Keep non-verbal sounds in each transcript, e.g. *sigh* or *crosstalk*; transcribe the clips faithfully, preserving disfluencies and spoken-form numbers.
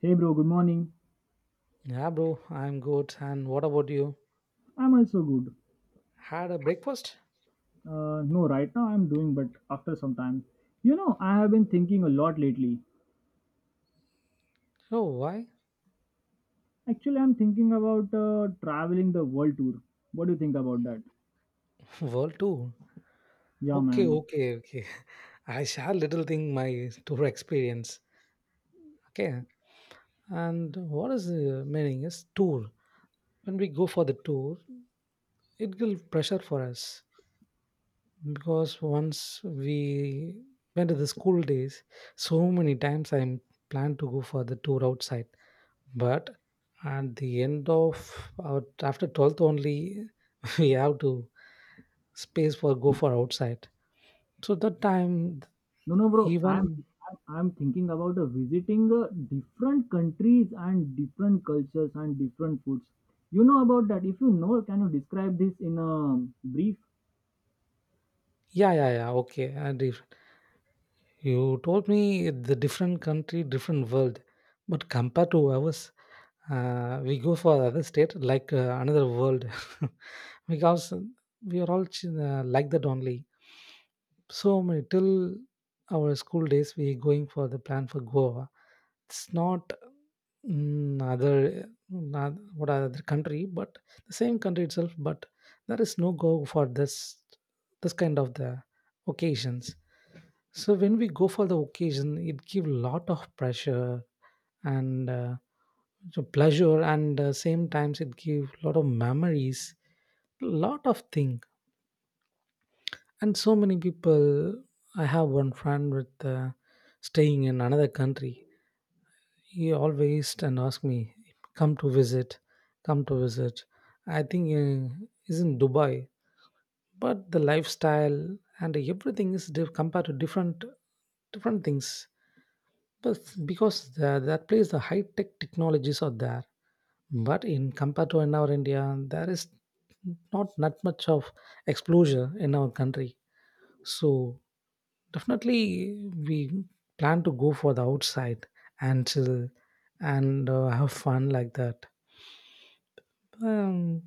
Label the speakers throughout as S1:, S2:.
S1: Hey bro, good morning.
S2: Yeah, bro, I'm good. And what about you?
S1: I'm also good.
S2: Had a breakfast?
S1: Uh, no, right now I'm doing, but after some time. You know, I have been thinking a lot lately.
S2: No, why?
S1: Actually, I'm thinking about uh, traveling the world tour. What do you think about that?
S2: *laughs* World tour.
S1: Yeah,
S2: Okay,
S1: man.
S2: okay, okay. *laughs* I share little thing my tour experience. Okay. And what is the meaning is tour. When we go for the tour, it will pressure for us because once we went to the school days, so many times I'm planned to go for the tour outside. But at the end of our, after twelfth only, *laughs* we have to space for go for outside. So that time,
S1: No, no, bro. I'm
S2: even
S1: I'm I'm thinking about uh, visiting uh, different countries and different cultures and different foods. You know about that? If you know, can you describe this in a brief?
S2: yeah, yeah, yeah, okay. And if you told me the different country, different world, but compared to ours, uh, we go for other state like uh, another world *laughs* because we are all ch- uh, like that only. So many till our school days, we going for the plan for Goa. It's not mm, other, not what other country, but the same country itself. But there is no go for this this kind of the occasions. So when we go for the occasion, it give lot of pressure and uh, so pleasure, and uh, same times it give lot of memories, lot of thing. And so many people, I have one friend with uh, staying in another country. He always and ask me, come to visit, come to visit. I think uh, is in Dubai, but the lifestyle and everything is diff- compared to different different things. But because the, that place the high tech technologies are there, but in compared to in our India, there is not that much of exposure in our country. So definitely, we plan to go for the outside and chill and uh, have fun like that. Um,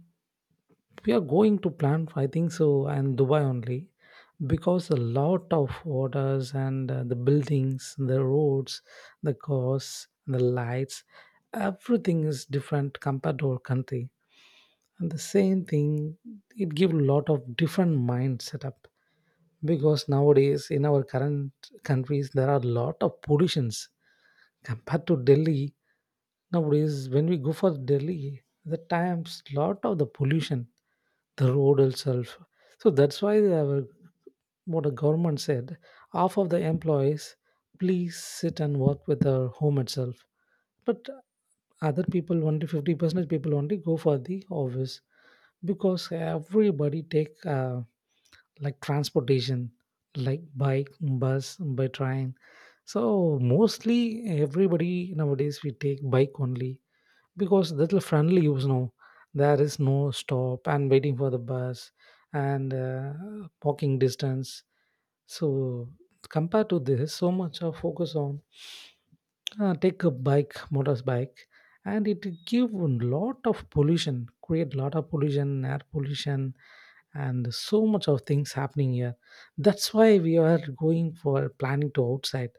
S2: we are going to plan, I think so, and Dubai only because a lot of orders and uh, the buildings, the roads, the cars, the lights, everything is different compared to our country. And the same thing, it gives a lot of different mind setup. Because nowadays in our current countries, there are a lot of pollutions compared to Delhi. Nowadays when we go for Delhi, the times lot of the pollution, the road itself. So that's why our, what the government said, half of the employees please sit and work with their home itself. But other people only fifty percent people only go for the office because everybody take uh, like transportation, like bike, bus, by train. So mostly everybody nowadays we take bike only because little friendly, you know. There is no stop and waiting for the bus and uh, walking distance. So compared to this so much of focus on uh, take a bike, motorbike, and it give a lot of pollution, create lot of pollution, air pollution, and so much of things happening here. That's why we are going for planning to outside.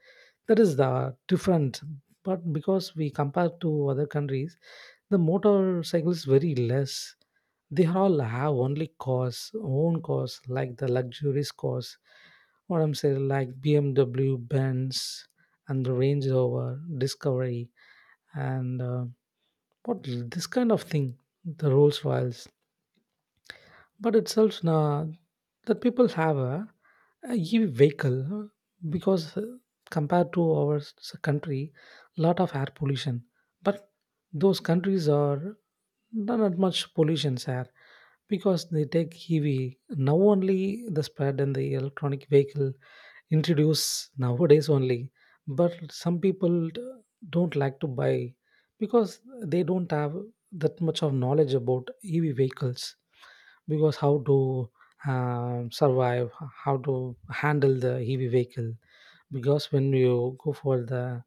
S2: That is the different, but because we compare to other countries, the motorcycles very less. They all have only cars, own cars, like the luxurious cars. What I'm saying, like B M W, Benz, and the Range Rover, Discovery, and uh, what this kind of thing, the Rolls Royce. But itself uh, that people have a, a E V vehicle because uh, compared to our s- country, lot of air pollution. But those countries are not not much pollution air because they take E V. Now only the spread in the electronic vehicle introduce nowadays only, but some people d- don't like to buy because they don't have that much of knowledge about E V vehicles, because how to um, survive, how to handle the heavy vehicle. Because when you go for the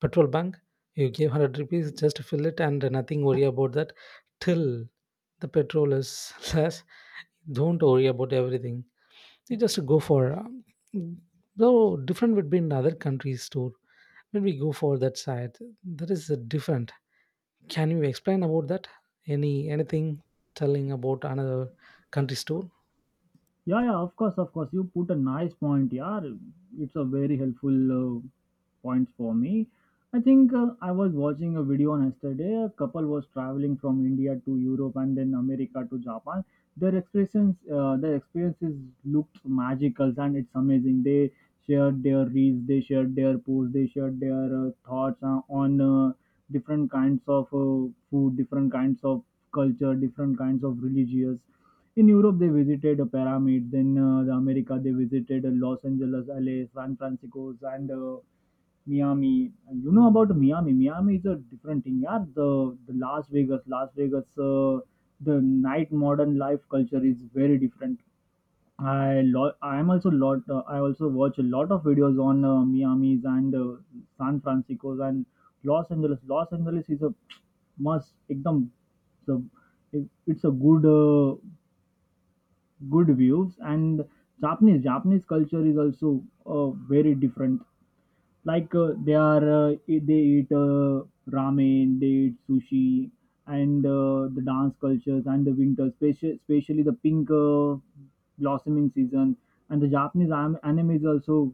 S2: petrol bunk, you give one hundred rupees, just fill it and nothing worry about that till the petrol is *laughs* less. Don't worry about everything. You just go for um, though different would be in other countries too. When we go for that side, that is a different. Can you explain about that, any anything telling about another country store?
S1: Yeah, yeah, of course, of course. You put a nice point, yeah. It's a very helpful uh, point for me. I think uh, I was watching a video on yesterday. A couple was traveling from India to Europe and then America to Japan. Their experiences, uh, their experiences looked magical, and it's amazing. They shared their reels, they shared their posts, they shared their uh, thoughts uh, on uh, different kinds of uh, food, different kinds of culture, different kinds of religious. In Europe, they visited a pyramid. Then uh, the America, they visited uh, Los Angeles, L A, San Francisco, and uh, Miami. And you know about Miami? Miami is a different thing. Yeah, the, the Las Vegas, Las Vegas, uh, the night modern life culture is very different. I lo- I am also lot. Uh, I also watch a lot of videos on uh, Miami's and uh, San Francisco's and Los Angeles. Los Angeles is a must. एकदम it's a, it- it's a good uh, good views, and japanese japanese culture is also uh, very different, like uh, they are uh, e- they eat uh, ramen, they eat sushi, and uh, the dance cultures, and the winter, especially, especially the pink uh, blossoming season, and the japanese am- anime is also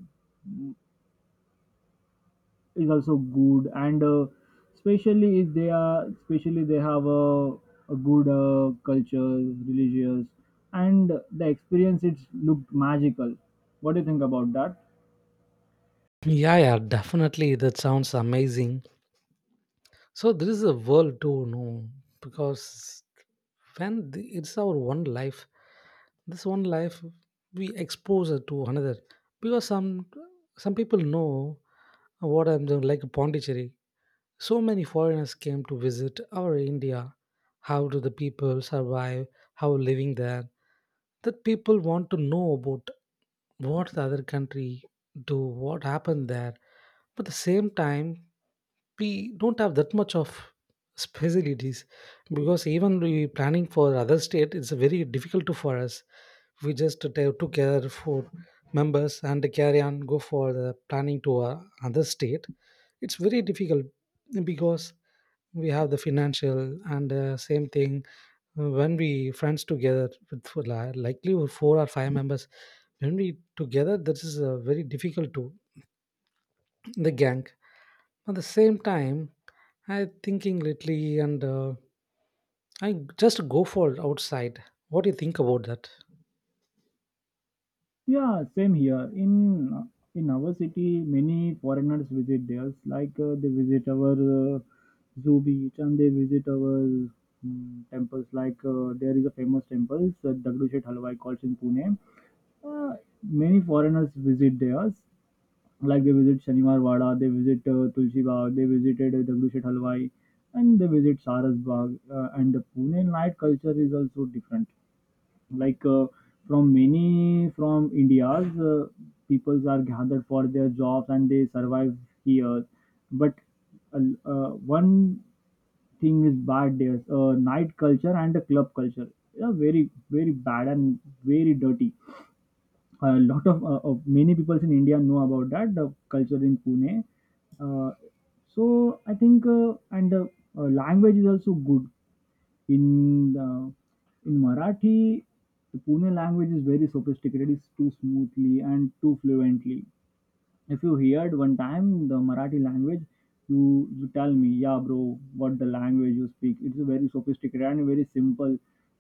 S1: is also good, and uh, especially if they are especially they have a, a good uh, culture, religious, and the experience it's looked magical. What do you think about that?
S2: Yeah, yeah, definitely, that sounds amazing. So there is a world to, no? Because when the, it's our one life, this one life, we expose it to another. Because some some people know what I'm doing, like Pondicherry. So many foreigners came to visit our India. How do the people survive? How living there? That people want to know about what the other country do, what happened there. But at the same time, we don't have that much of facilities because even we planning for other state, it's very difficult to for us. We just ta- took care for members and carry on go for the planning to uh, other state. It's very difficult because we have the financial and uh, same thing, uh, when we friends together with for li- likely with four or five members, when we together, that is uh, very difficult to the gang. At the same time, I thinking lately and uh, I just go for outside. What do you think about that?
S1: Yeah, same here. In in our city, many foreigners visit theirs, like uh, they visit our uh, zoo beach, and they visit our mm, temples, like uh, there is a famous temple uh, Dagdu Shet Halwai called in Pune. uh, many foreigners visit theirs. Like they visit Sanimal Wada, they visit uh, Tulsi Bagh, they visited uh, Dagdushet Halwai, and they visit Saras Bagh. Uh, and the Pune night culture is also different. Like uh, from many from India's, uh, peoples are gathered for their jobs, and they survive here. But uh, uh, one thing is bad, there's uh, night culture and the club culture. Yeah, very very bad and very dirty, a lot of uh, uh, many people in India know about that the culture in Pune. Uh, so I think uh, and uh, uh, language is also good in the, in Marathi. The Pune language is very sophisticated. It's too smoothly and too fluently. If you heard one time the Marathi language, you you tell me, yeah, bro, what the language you speak? It's a very sophisticated and very simple,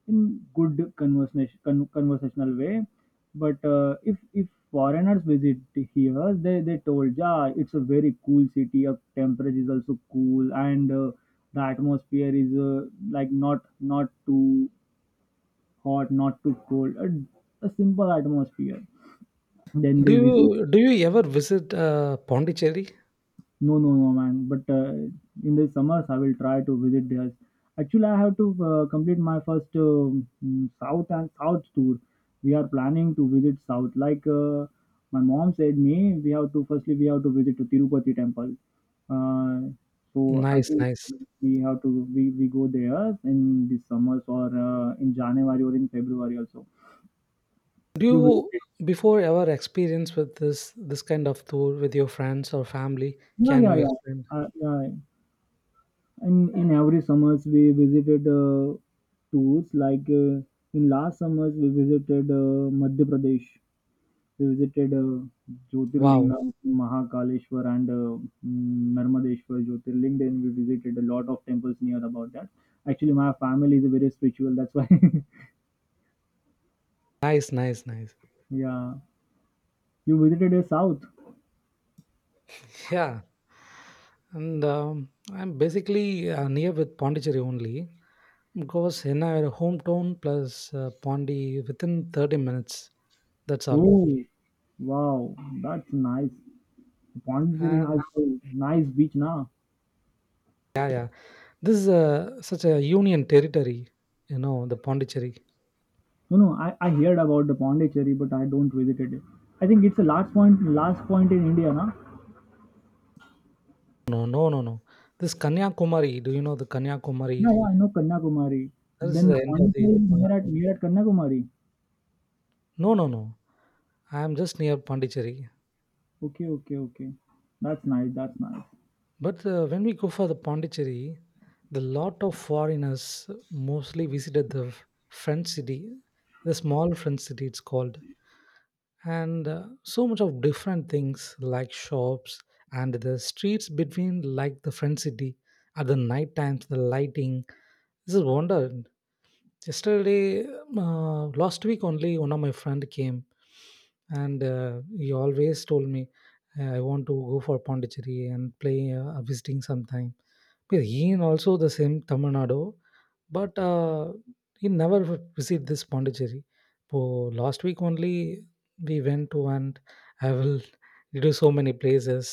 S1: in good conversation con- conversational way. But uh, if if foreigners visit here, they they told, yeah, it's a very cool city. Up temperature is also cool, and uh, the atmosphere is uh, like not not too hot, not too cold, a, a simple atmosphere. Then
S2: do
S1: they visit.
S2: you do you ever visit uh, Pondicherry?
S1: No, no, no, man. But uh, in the summers, I will try to visit there. Actually, I have to uh, complete my first um, mm, south and south tour. We are planning to visit south. Like uh, my mom said, me we have to firstly we have to visit to Tirupati temple. Uh, so I
S2: Nice,
S1: think
S2: nice.
S1: we have to we, we go there in the summers, or uh, in January or in February also.
S2: Do
S1: You
S2: you
S1: visited?
S2: before ever experience with this this kind of tour with your friends or family?
S1: Yeah,
S2: Can
S1: yeah,
S2: you
S1: yeah.
S2: explain?
S1: Uh, yeah. And in every summers we visited uh, tours. Like uh, in last summers we visited uh, Madhya Pradesh. We visited uh,
S2: Wow,
S1: Jyotirlinga, Mahakaleshwar, and uh, mm, Narmadeshwar Jyotirling. Then we visited a lot of temples near about that. Actually, my family is very spiritual. That's why.
S2: nice, nice, nice.
S1: *laughs* Yeah, you visited the south.
S2: Yeah, and um, I'm basically uh, near with Pondicherry only because in our hometown plus uh, Pondi within thirty minutes. That's all.
S1: Oh, wow, that's nice. Pondicherry has
S2: And
S1: a nice beach now.
S2: yeah, yeah, this is a, such a union territory. You know the Pondicherry.
S1: You know, I, I heard about the Pondicherry, but I don't visited it. I think it's the last point, last point in India, na?
S2: No, no, no, no. This Kanyakumari. Do you know the
S1: Yeah,
S2: Kanyakumari?
S1: yeah, I know Kanyakumari.
S2: That is
S1: Then
S2: the end of the.
S1: Pondicherry is near at near at Kanyakumari.
S2: No, no, no. I'm just near Pondicherry.
S1: Okay, okay, okay. That's nice. That's nice.
S2: But uh, when we go for the Pondicherry, the lot of foreigners mostly visited the f- French city, the small French city it's called, and uh, so much of different things like shops and the streets between like the French city at the night times, the lighting. This is wonder. Yesterday, uh, last week only, one of my friend came and uh, he always told me, I want to go for Pondicherry and play, uh, visiting sometime. But he in also the same Tamil Nadu, but uh, he never visit this Pondicherry. So last week only, we went to, and I will do so many places.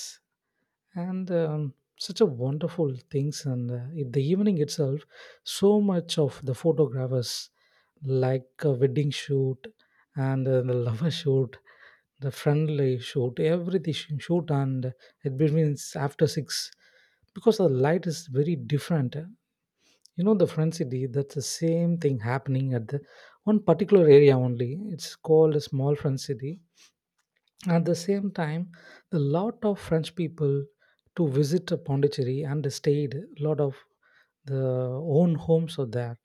S2: And um, such a wonderful things, and uh, in the evening itself, so much of the photographers, like a wedding shoot, and uh, the *laughs* lover shoot, the friendly shoot, everything sh- shoot. And it begins after six because the light is very different. You know the front city, that's the same thing happening at the one particular area only. It's called a small front city. At the same time, a lot of French people to visit uh, Pondicherry and stayed. A lot of the own homes are there.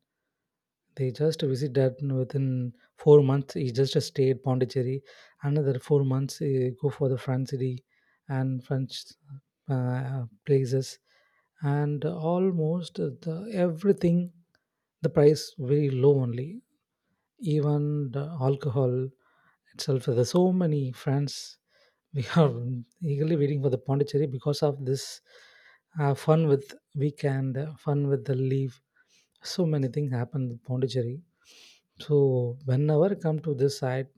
S2: They just visited within four months. He just stayed Pondicherry. Another four months, he go for the French city and French uh, uh, places, and almost the, everything. The price very low only. Even the alcohol itself. There's so many friends we are eagerly waiting for the Pondicherry because of this uh, fun with weekend, uh, fun with the leave. So many things happen with Pondicherry. So whenever I come to this side,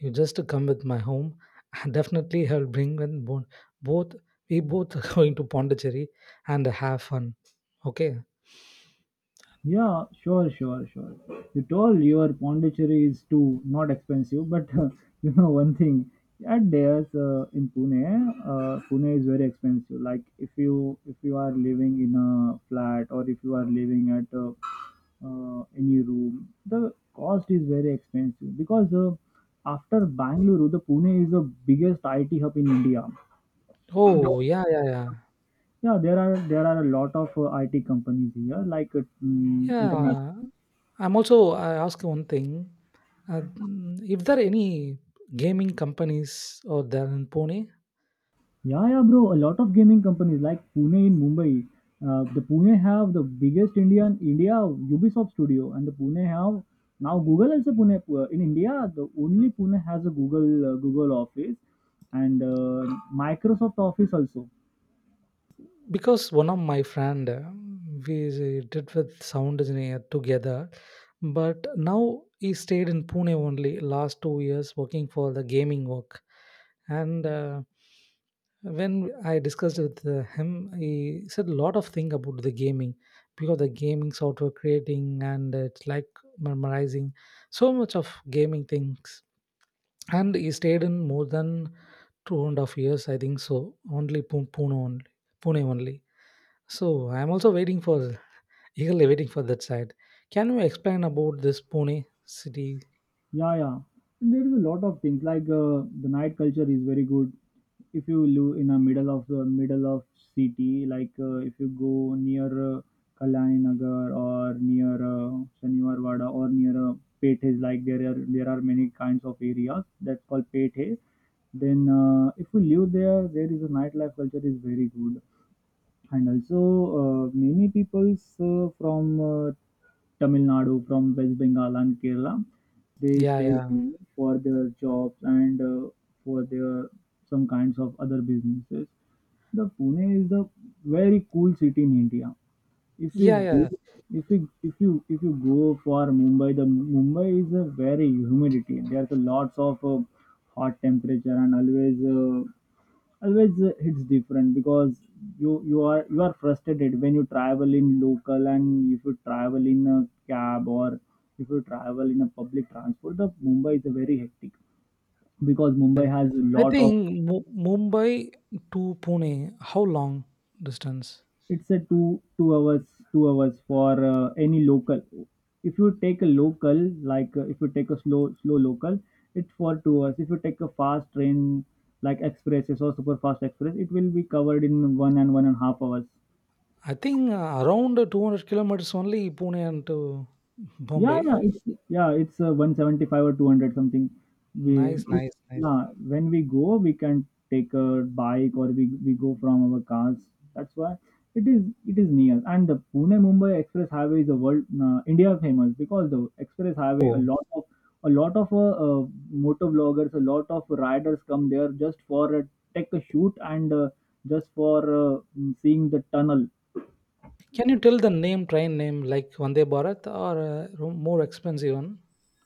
S2: you just come with my home. *laughs* Definitely, I'll bring in bo- both. We both are *laughs* going to Pondicherry and have fun. Okay.
S1: Yeah, sure, sure, sure. You told your Pondicherry is too not expensive, but *laughs* you know one thing. At there's uh, in Pune, uh, Pune is very expensive. Like if you if you are living in a flat, or if you are living at a uh, any room. The cost is very expensive because uh, after Bangalore, the Pune is the biggest I T hub in India. No.
S2: Oh yeah, yeah, yeah,
S1: Yeah, there are there are a lot of uh, I T companies here, like uh, mm, international.
S2: yeah. I'm also. I ask you one thing. Uh, mm, if there are any gaming companies or there in Pune,
S1: Yeah, yeah, bro. A lot of gaming companies like Pune in Mumbai. Uh, the Pune have the biggest Indian India Ubisoft studio, and the Pune have now Google also Pune uh, in India. The only Pune has a Google uh, Google office, and uh, Microsoft Office also.
S2: because one of my friend uh, we uh, did with sound engineer together, but now he stayed in Pune only last two years working for the gaming work. And uh, when I discussed with uh, him, he said a lot of thing about the gaming, because the gaming software creating, and it's like memorizing so much of gaming things. And he stayed in more than two and a half years, I think so, only Pu- pune only, Pune only. So I'm also waiting for, eagerly waiting for that side. Can you explain about this Pune city?
S1: Yeah, yeah. There is a lot of things, like uh, the night culture is very good. If you live in a middle of the middle of city, like uh, if you go near uh, Kalyani Nagar, or near uh, Shaniwar Wada, or near uh, Pethe, like there are there are many kinds of areas that's called Pethe. Then uh, if you live there, there is a nightlife culture is very good, and also uh, many peoples uh, from uh, Tamil Nadu, from West Bengal and Kerala, they
S2: Yeah,
S1: stay.
S2: yeah,
S1: Mhm. For their jobs and uh, for their some kinds of other businesses. The Pune is the very cool city in India. If we
S2: yeah,
S1: go,
S2: yeah.
S1: if we if you if you go for Mumbai, the Mumbai is a very humidity. There's a lots of uh, hot temperature, and always uh, always uh, it's different because you you are you are frustrated when you travel in local, and if you travel in a cab, or if you travel in a public transport, the mumbai is a very hectic because mumbai has a
S2: I
S1: lot of.
S2: think Mu- Mumbai to Pune, how long distance?
S1: It's a two two hours, two hours for uh, any local. If you take a local, like uh, if you take a slow slow local, it's for two hours. If you take a fast train, like expresses or super fast express, it will be covered in one and one and a half hours.
S2: I think uh, around two hundred kilometers only, Pune and to
S1: Yeah,
S2: Bombay.
S1: yeah, it's yeah, it's uh, one seventy-five or two hundred something. We
S2: Nice,
S1: if,
S2: nice, nice.
S1: yeah, when we go, we can take a bike, or we, we go from our cars. That's why it is it is near. And the Pune Mumbai Express Highway is a world uh, India famous because the Express Highway a
S2: Oh,
S1: lot of a lot of uh, uh, motor vloggers, a lot of riders come there just for uh, take a shoot, and uh, just for uh, seeing the tunnel.
S2: can you tell the name, train name, like Vande Bharat or uh, more expensive one?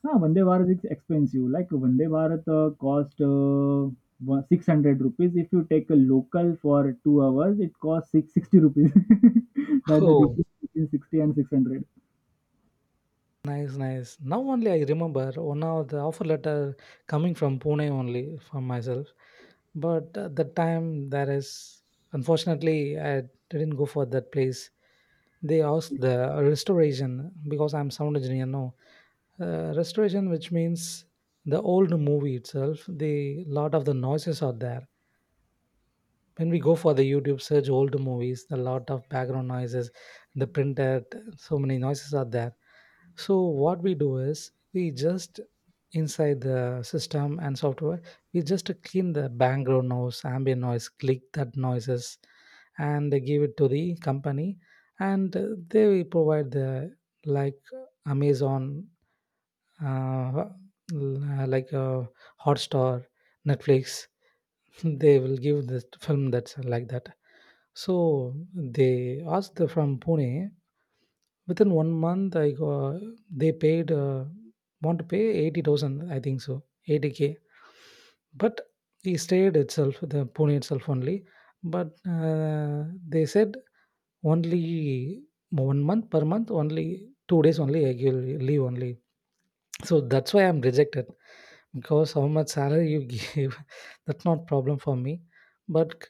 S1: Ah, Vande Bharat is expensive. Like Vande Bharat uh, cost uh, one- six hundred rupees. If you take a local for two hours, it costs six sixty rupees. *laughs*
S2: *laughs*
S1: That's the
S2: Oh.
S1: difference between sixty and six hundred.
S2: Nice, nice. Now only I remember, one of the offer letter coming from Pune only from myself. But at that time, there is unfortunately I didn't go for that place. They asked the restoration because I'm sound engineer now. Uh, restoration, which means the old movie itself, the lot of the noises are there. When we go for the YouTube search old movies, a lot of background noises, the printer, so many noises are there. So what we do is, we just inside the system and software, we just clean the background noise, ambient noise, click that noises, and they give it to the company. And uh, they will provide the, like Amazon, uh, l- uh, like uh, Hotstar, Netflix, they will give this film, that's like that. So they asked the- from Pune. Within one month, I got, they paid uh, want to pay eighty thousand. I think so, eighty k. But he stayed itself, the Pune itself only. But uh, they said only one month per month, only two days only. I will leave only. So that's why I'm rejected because how much salary you give *laughs* that's not problem for me but c-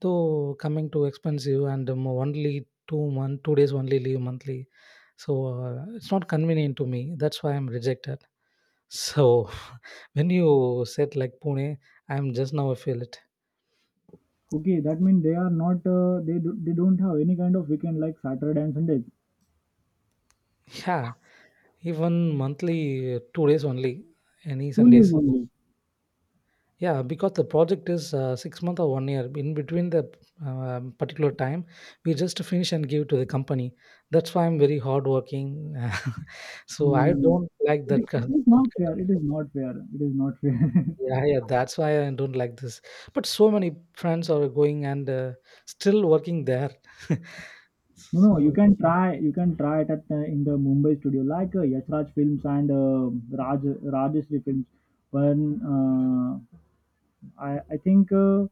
S2: though coming to expensive and um, only two month two days only leave monthly, so uh, it's not convenient to me. That's why I'm rejected. So *laughs* when you said like Pune, I'm just now I feel it.
S1: Okay, that means they are not, uh, they, do, they don't have any kind of weekend like Saturday and Sundays.
S2: Yeah. Even monthly uh, two days only, any
S1: Two leaves
S2: Sundays.
S1: only.
S2: Yeah, because the project is uh, six month or one year. In between the um particular time, we just finish and give to the company. That's why I'm very hardworking. *laughs* So I
S1: Mm.
S2: don't like
S1: It,
S2: that kind.
S1: it
S2: Of,
S1: is
S2: That
S1: not
S2: kind of,
S1: fair. It is not fair. It is not fair. *laughs*
S2: Yeah, yeah. That's why I don't like this. But so many friends are going and uh, still working there. *laughs*
S1: No, no, you
S2: So
S1: can try. You can try it at uh, in the Mumbai studio, like uh, Yash Raj Films, and uh, Raj Rajeshri Films. But uh, I I think uh,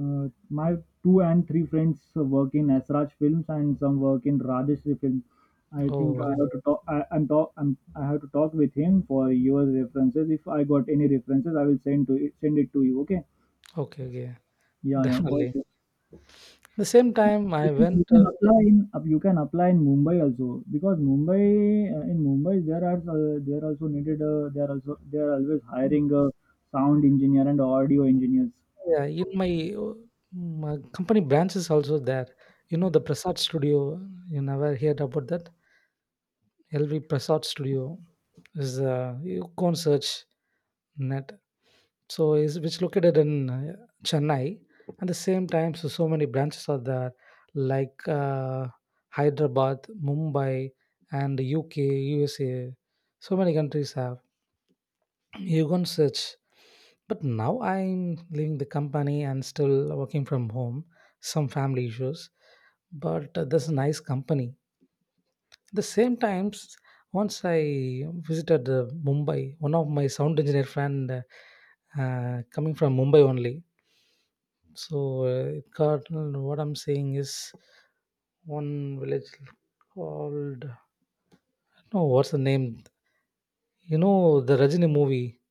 S1: uh, my two and three friends work in Yash Raj Films, and some work in Rajeshri Films. I think I
S2: oh,
S1: have to talk. I, I'm talk. I'm, I have to talk with him for your references. If I got any references, I will send to send it to you. Okay.
S2: okay, okay, *laughs*
S1: Yeah, yeah, for
S2: definitely.
S1: sure.
S2: At the same time,
S1: You
S2: I
S1: can you
S2: went.
S1: can
S2: Uh,
S1: apply in uh, you can apply in Mumbai also, because Mumbai uh, in Mumbai there are uh, they are also needed, uh, they are also they are always hiring a sound engineer and audio engineers.
S2: Yeah, in my, uh, my company branch is also there. You know the Prasad Studio. You never heard about that? L V Prasad Studio is uh, you can search net. So is which located in uh, Chennai. At the same time, so so many branches are there, like uh, Hyderabad, Mumbai, and U K, U S A. So many countries have. You can search. But now I'm leaving the company and still working from home, some family issues. But uh, this nice company. The same times, once I visited uh, Mumbai, one of my sound engineer friend uh, uh, coming from Mumbai only. So uh, it got uh, what I'm saying is one village called, no, what's the name? You know the Rajini movie.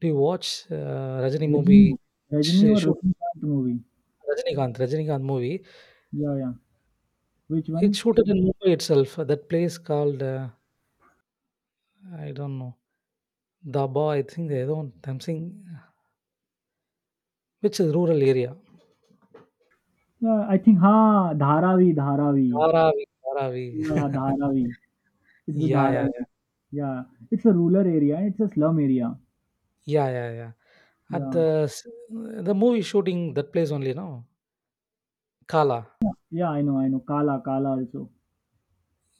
S2: Do you watch uh, Rajini
S1: Rajini,
S2: movie?
S1: Rajini
S2: Sh-
S1: or
S2: Shoot
S1: Rajinikanth movie.
S2: Rajinikanth, Rajinikanth movie.
S1: Yeah, yeah. Which
S2: It's
S1: one?
S2: shooted in Mumbai itself. uh, That place called uh, I don't know Daba. I think I don't. I'm saying which is rural area.
S1: Yeah, I think ha Dharavi, Dharavi.
S2: Dharavi, Dharavi.
S1: Yeah, Dharavi.
S2: *laughs*
S1: It's a
S2: Yeah, yeah,
S1: Dharavi. Yeah, it's a rural area. It's a slum area.
S2: yeah, yeah, yeah, yeah. At
S1: Yeah,
S2: the s- the movie shooting that place only, no, Kala.
S1: yeah. I know, I know. Kala, Kala also.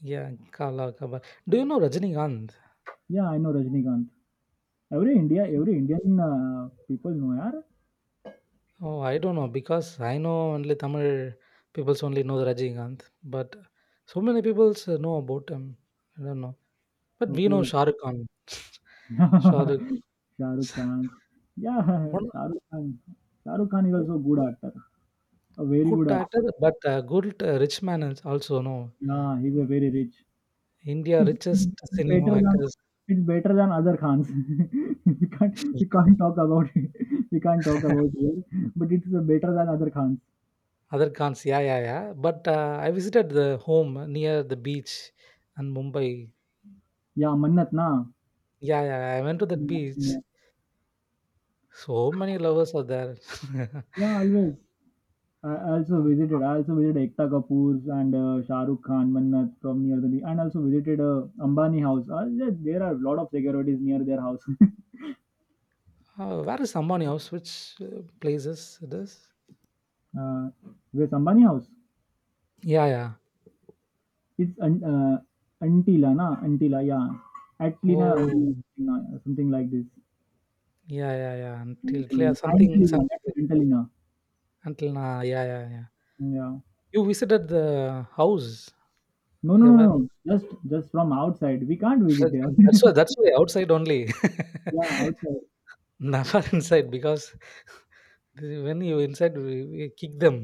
S2: Yeah, Kala Kaba. Do you know Rajinikanth?
S1: Yeah, I know Rajinikanth. Every India every Indian people know यार।
S2: Oh, I don't know because I know only Tamil peoples only know the Rajinikanth, but so many peoples uh, know about him. I don't know, but we
S1: okay,
S2: know
S1: okay.
S2: Shah Rukh Khan. *laughs* Shah Rukh.
S1: *laughs* Shahrukh Khan. Yeah,
S2: *laughs*
S1: Shahrukh Khan. Shahrukh Khan is
S2: One,
S1: also a good actor. A very good
S2: good actor,
S1: actor.
S2: but a good uh, rich man is also, no.
S1: Yeah, he's a very rich.
S2: India
S1: It's
S2: richest cinema
S1: better than
S2: actors.
S1: it's better than other Khans. *laughs* We can't we can't talk about it. *laughs* We can't talk about
S2: *laughs*
S1: it, but it's uh, better than other Khans.
S2: Other Khans, yeah, yeah, yeah. But uh, I visited the home near the beach and Mumbai.
S1: Yeah, Mannat na.
S2: Yeah, yeah, I went to that
S1: Yeah, yeah.
S2: beach. So many lovers are there. *laughs*
S1: Yeah, always. I also
S2: Uh,
S1: visited. I also visited Ekta Kapoor's and uh, Shah Rukh Khan, Mannat from near the and also visited uh, Ambani house. Uh, there there are a lot of securities near their house. *laughs*
S2: where is Ambani House? Which uh, places it is?
S1: uh, Where's Ambani house?
S2: Yeah, yeah.
S1: It's un, uh, Antila, na Antila, yeah. Atlina or
S2: Oh,
S1: Antilina, something like this.
S2: yeah, yeah, yeah. Until yeah,
S1: Antilina,
S2: something,
S1: Antilina,
S2: something
S1: that's
S2: like-
S1: Antilina.
S2: until now. Yeah, yeah, yeah.
S1: Yeah.
S2: You visited the house
S1: No, no, no, no,
S2: ever?
S1: no. Just just from outside. We can't visit
S2: That's
S1: there.
S2: that's why that's why outside only.
S1: *laughs* Yeah, outside.
S2: *laughs* Never inside because when you inside we, we kick them.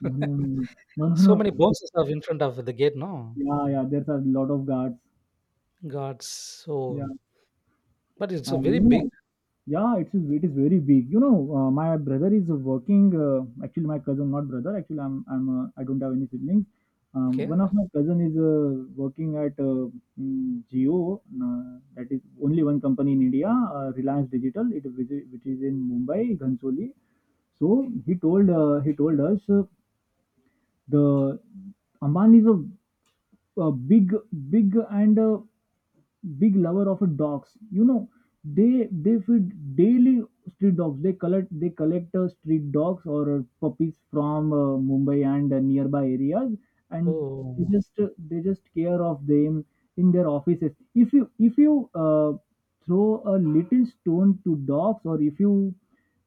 S1: No, no, no, no, no,
S2: *laughs* So
S1: no,
S2: many
S1: no.
S2: bounces are in front of the gate, no?
S1: Yeah, yeah. There's a lot of guards.
S2: God,
S1: Yeah.
S2: so but it's a
S1: Uh,
S2: very
S1: you
S2: big.
S1: know, yeah, it's it is very big. You know, uh, my brother is working. Uh, actually, my cousin, not brother. Actually, I'm I'm uh, I don't have any siblings. Um,
S2: Okay.
S1: one of my cousin is uh, working at uh, mm, Jio. Uh, that is only one company in India, uh, Reliance Digital. It which is which is in Mumbai, Ghansoli. So he told uh, he told us uh, the Amman is a, a big big and uh, big lover of dogs, you know. They they feed daily street dogs. They collect they collect uh, street dogs or uh, puppies from uh, mumbai and uh, nearby areas, and they
S2: Oh,
S1: just uh, they just care of them in their offices. If you if you uh, throw a little stone to dogs, or if you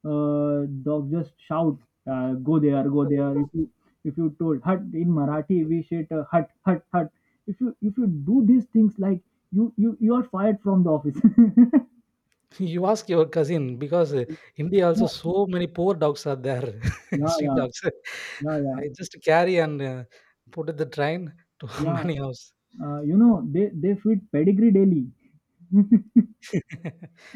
S1: uh, dog just shout, uh, go there, go there. If you if you told hut in Marathi, we say it, uh, hut hut hut. If you if you do these things, like you you you are fired from the office. *laughs*
S2: you ask your cousin because uh, India also
S1: Yeah,
S2: so many poor dogs are there, *laughs*
S1: yeah,
S2: street
S1: yeah,
S2: dogs.
S1: yeah, yeah,
S2: I just carry and uh, put at the train to *laughs*
S1: yeah.
S2: many house.
S1: Uh, you know, they they feed pedigree daily.
S2: *laughs*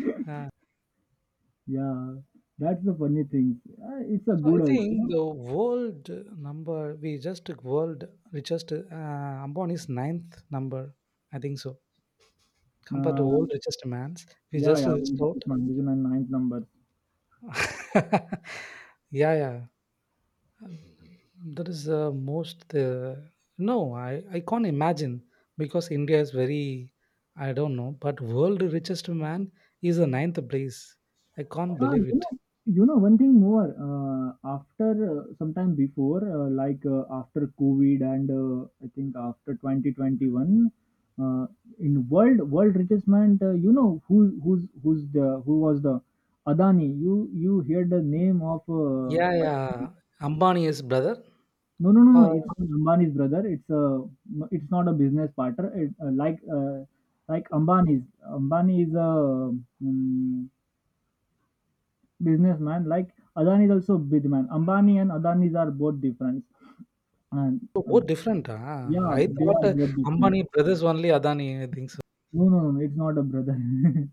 S1: Yeah, that's the funny thing. Uh, it's a
S2: So, I
S1: good
S2: think
S1: also.
S2: the world number, we just took world richest, uh, Ambani's ninth number. I think so. Compared to
S1: Uh,
S2: world richest man's, we
S1: yeah,
S2: just
S1: yeah.
S2: reached
S1: This
S2: out.
S1: is my vision and ninth number.
S2: *laughs* Yeah, yeah. That is uh, most, uh, no, I, I can't imagine because India is very, I don't know, but world richest man is the ninth place. I can't
S1: Ah,
S2: believe
S1: you
S2: it.
S1: know, you know one thing more. Uh, after uh, sometime before, uh, like uh, after COVID and uh, I think after twenty twenty-one, uh, in world world richest man, uh, you know who who's who's the who was the Adani. You you hear the name of
S2: Yeah,
S1: uh,
S2: yeah. Ambani is brother.
S1: no no no no.
S2: Uh,
S1: It's not Ambani's brother. It's a it's not a business partner. It, uh, like uh, like Ambani's Ambani is a um, businessman. Like Adani is also businessman. Ambani and Adani are both different. And
S2: So,
S1: uh,
S2: both different. Ah,
S1: yeah,
S2: I
S1: they
S2: thought
S1: are
S2: uh,
S1: both different.
S2: Ambani brothers only Adani. I think so
S1: No, no, no, it's not a brother. *laughs*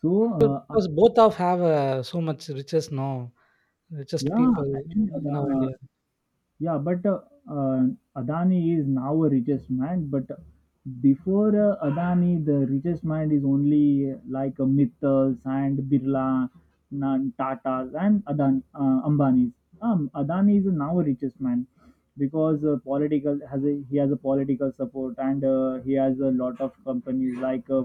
S1: So uh,
S2: because both of have uh, so much riches now, richest
S1: yeah,
S2: people
S1: actually,
S2: now
S1: Ada-
S2: India.
S1: yeah, but uh, uh, Adani is now a richest man. But before uh, Adani, the richest man is only uh, like uh, Mittals and Birla, Nan- Tatas and Adani, uh, Ambanis. Um, Adani is now a richest man because uh, political has a, he has a political support, and uh, he has a lot of companies, like uh,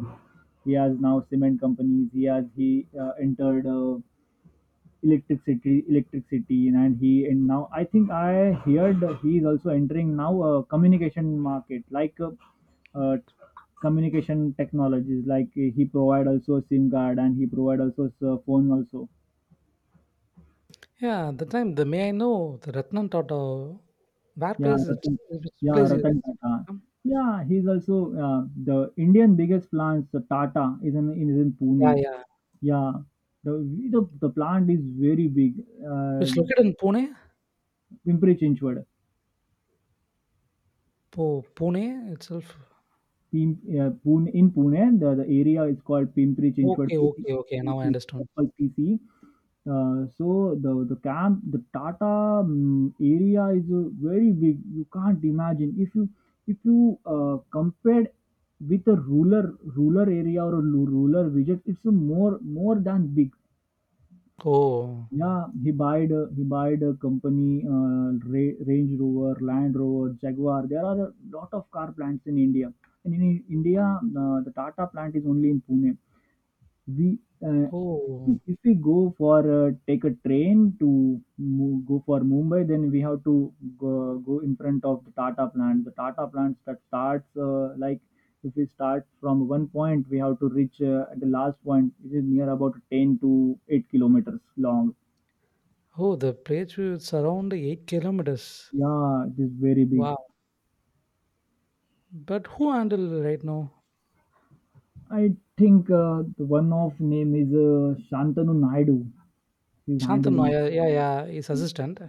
S1: he has now cement companies. He has he uh, entered. Uh, Electricity, electricity, and he and now I think I heard he is also entering now a communication market, like uh, uh, communication technologies, like uh, he provide also a SIM card and he provide also a phone also.
S2: Yeah, the time the may I know the Ratnan Tata. Where
S1: Yeah,
S2: place it?
S1: Ratan,
S2: Which
S1: yeah,
S2: place is it
S1: Ratan Tata.
S2: from?
S1: Yeah, he's also uh, the Indian biggest plants uh, Tata is in is in
S2: Yeah,
S1: Pune.
S2: yeah.
S1: Yeah, the the, the plant is very big. Uh,
S2: Which located in Pune?
S1: Pimpri Chinchwad.
S2: Po Pune itself.
S1: Pim uh, Pune in Pune, the, the area is called Pimpri Chinchwad
S2: Okay,
S1: P C,
S2: okay, okay. Now I understand.
S1: that's called P C. Uh, so the the camp, the Tata mm, area is uh, very big. You can't imagine if you if you uh, compared with a ruler ruler area, or a lu- rural village, it's a more more than big.
S2: Oh,
S1: Yeah, he buyed a, he buyed a company, uh, Ra- Range Rover, Land Rover, Jaguar. There are a lot of car plants in India, and in I- India, uh, the Tata plant is only in Pune. We uh,
S2: oh,
S1: if we go for uh, take a train to move, go for Mumbai, then we have to go, go in front of the Tata plant. The Tata plant that starts uh, like if we start from one point, we have to reach uh, at the last point. It is near about ten to eight kilometers long.
S2: oh. The place will surround eight kilometers.
S1: Yeah, it is very big.
S2: Wow. But who handle right now?
S1: I think uh, the one of name is uh, Shantanu Naidu. He's
S2: Shantanu,
S1: handling.
S2: yeah, yeah, yeah, his assistant.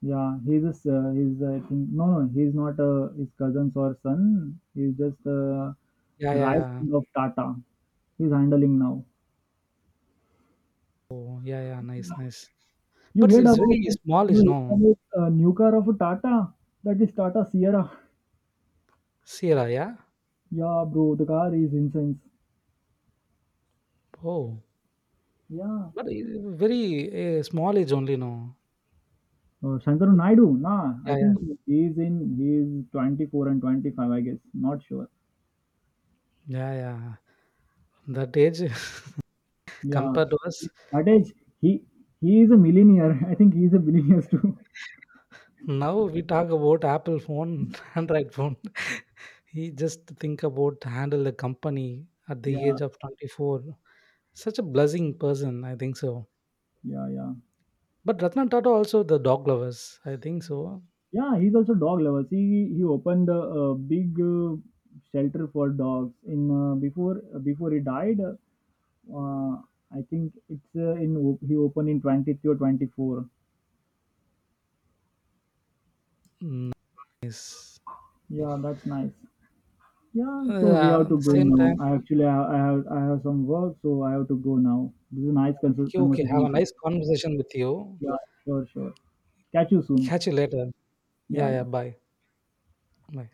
S1: Yeah, he's a, s- uh, he's I think no no he's not uh, his cousins or son. He's just uh,
S2: Yeah,
S1: the
S2: yeah,
S1: right
S2: yeah.
S1: hand of Tata. He's handling now.
S2: Oh, yeah, yeah, nice, nice.
S1: You
S2: But
S1: heard
S2: it's
S1: about
S2: very small
S1: you
S2: age,
S1: heard
S2: no?
S1: about uh, new car of Tata? That is Tata Sierra.
S2: Sierra, yeah?
S1: Yeah, bro, the car is incense.
S2: Oh,
S1: Yeah.
S2: but i- very uh, small age only, no?
S1: Uh, Shankaru Naidu, nah, I
S2: Yeah, yeah,
S1: think he's in he's twenty-four and twenty-five, I guess. Not sure.
S2: yeah, yeah. That age *laughs*
S1: Yeah,
S2: compared to us.
S1: at age he he is a millionaire. *laughs* I think he's a billionaire too. *laughs*
S2: Now we talk about Apple phone, *laughs* Android phone. He just think about handle the company at the
S1: Yeah,
S2: age of twenty-four. Such a blessing person, I think so.
S1: yeah, yeah,
S2: But Ratna Tata also the dog lovers, I think so.
S1: yeah. He's also dog lovers. He he opened a, a big uh, shelter for dogs in uh, before before he died. Uh, I think it's uh, in op- he opened in twenty-three or twenty-four.
S2: Mm, nice.
S1: Yeah, that's nice. Yeah, so we
S2: Yeah,
S1: have
S2: at
S1: to
S2: the
S1: go
S2: same
S1: now.
S2: time,
S1: I actually I, I have I have some work, so I have to go now. This is a nice cons-
S2: okay, okay.
S1: conversation
S2: Have a
S1: with you.
S2: nice conversation with you.
S1: Yeah, sure, sure. Catch you soon.
S2: Catch you later.
S1: Yeah,
S2: Yeah, yeah.
S1: yeah.
S2: Bye. Bye.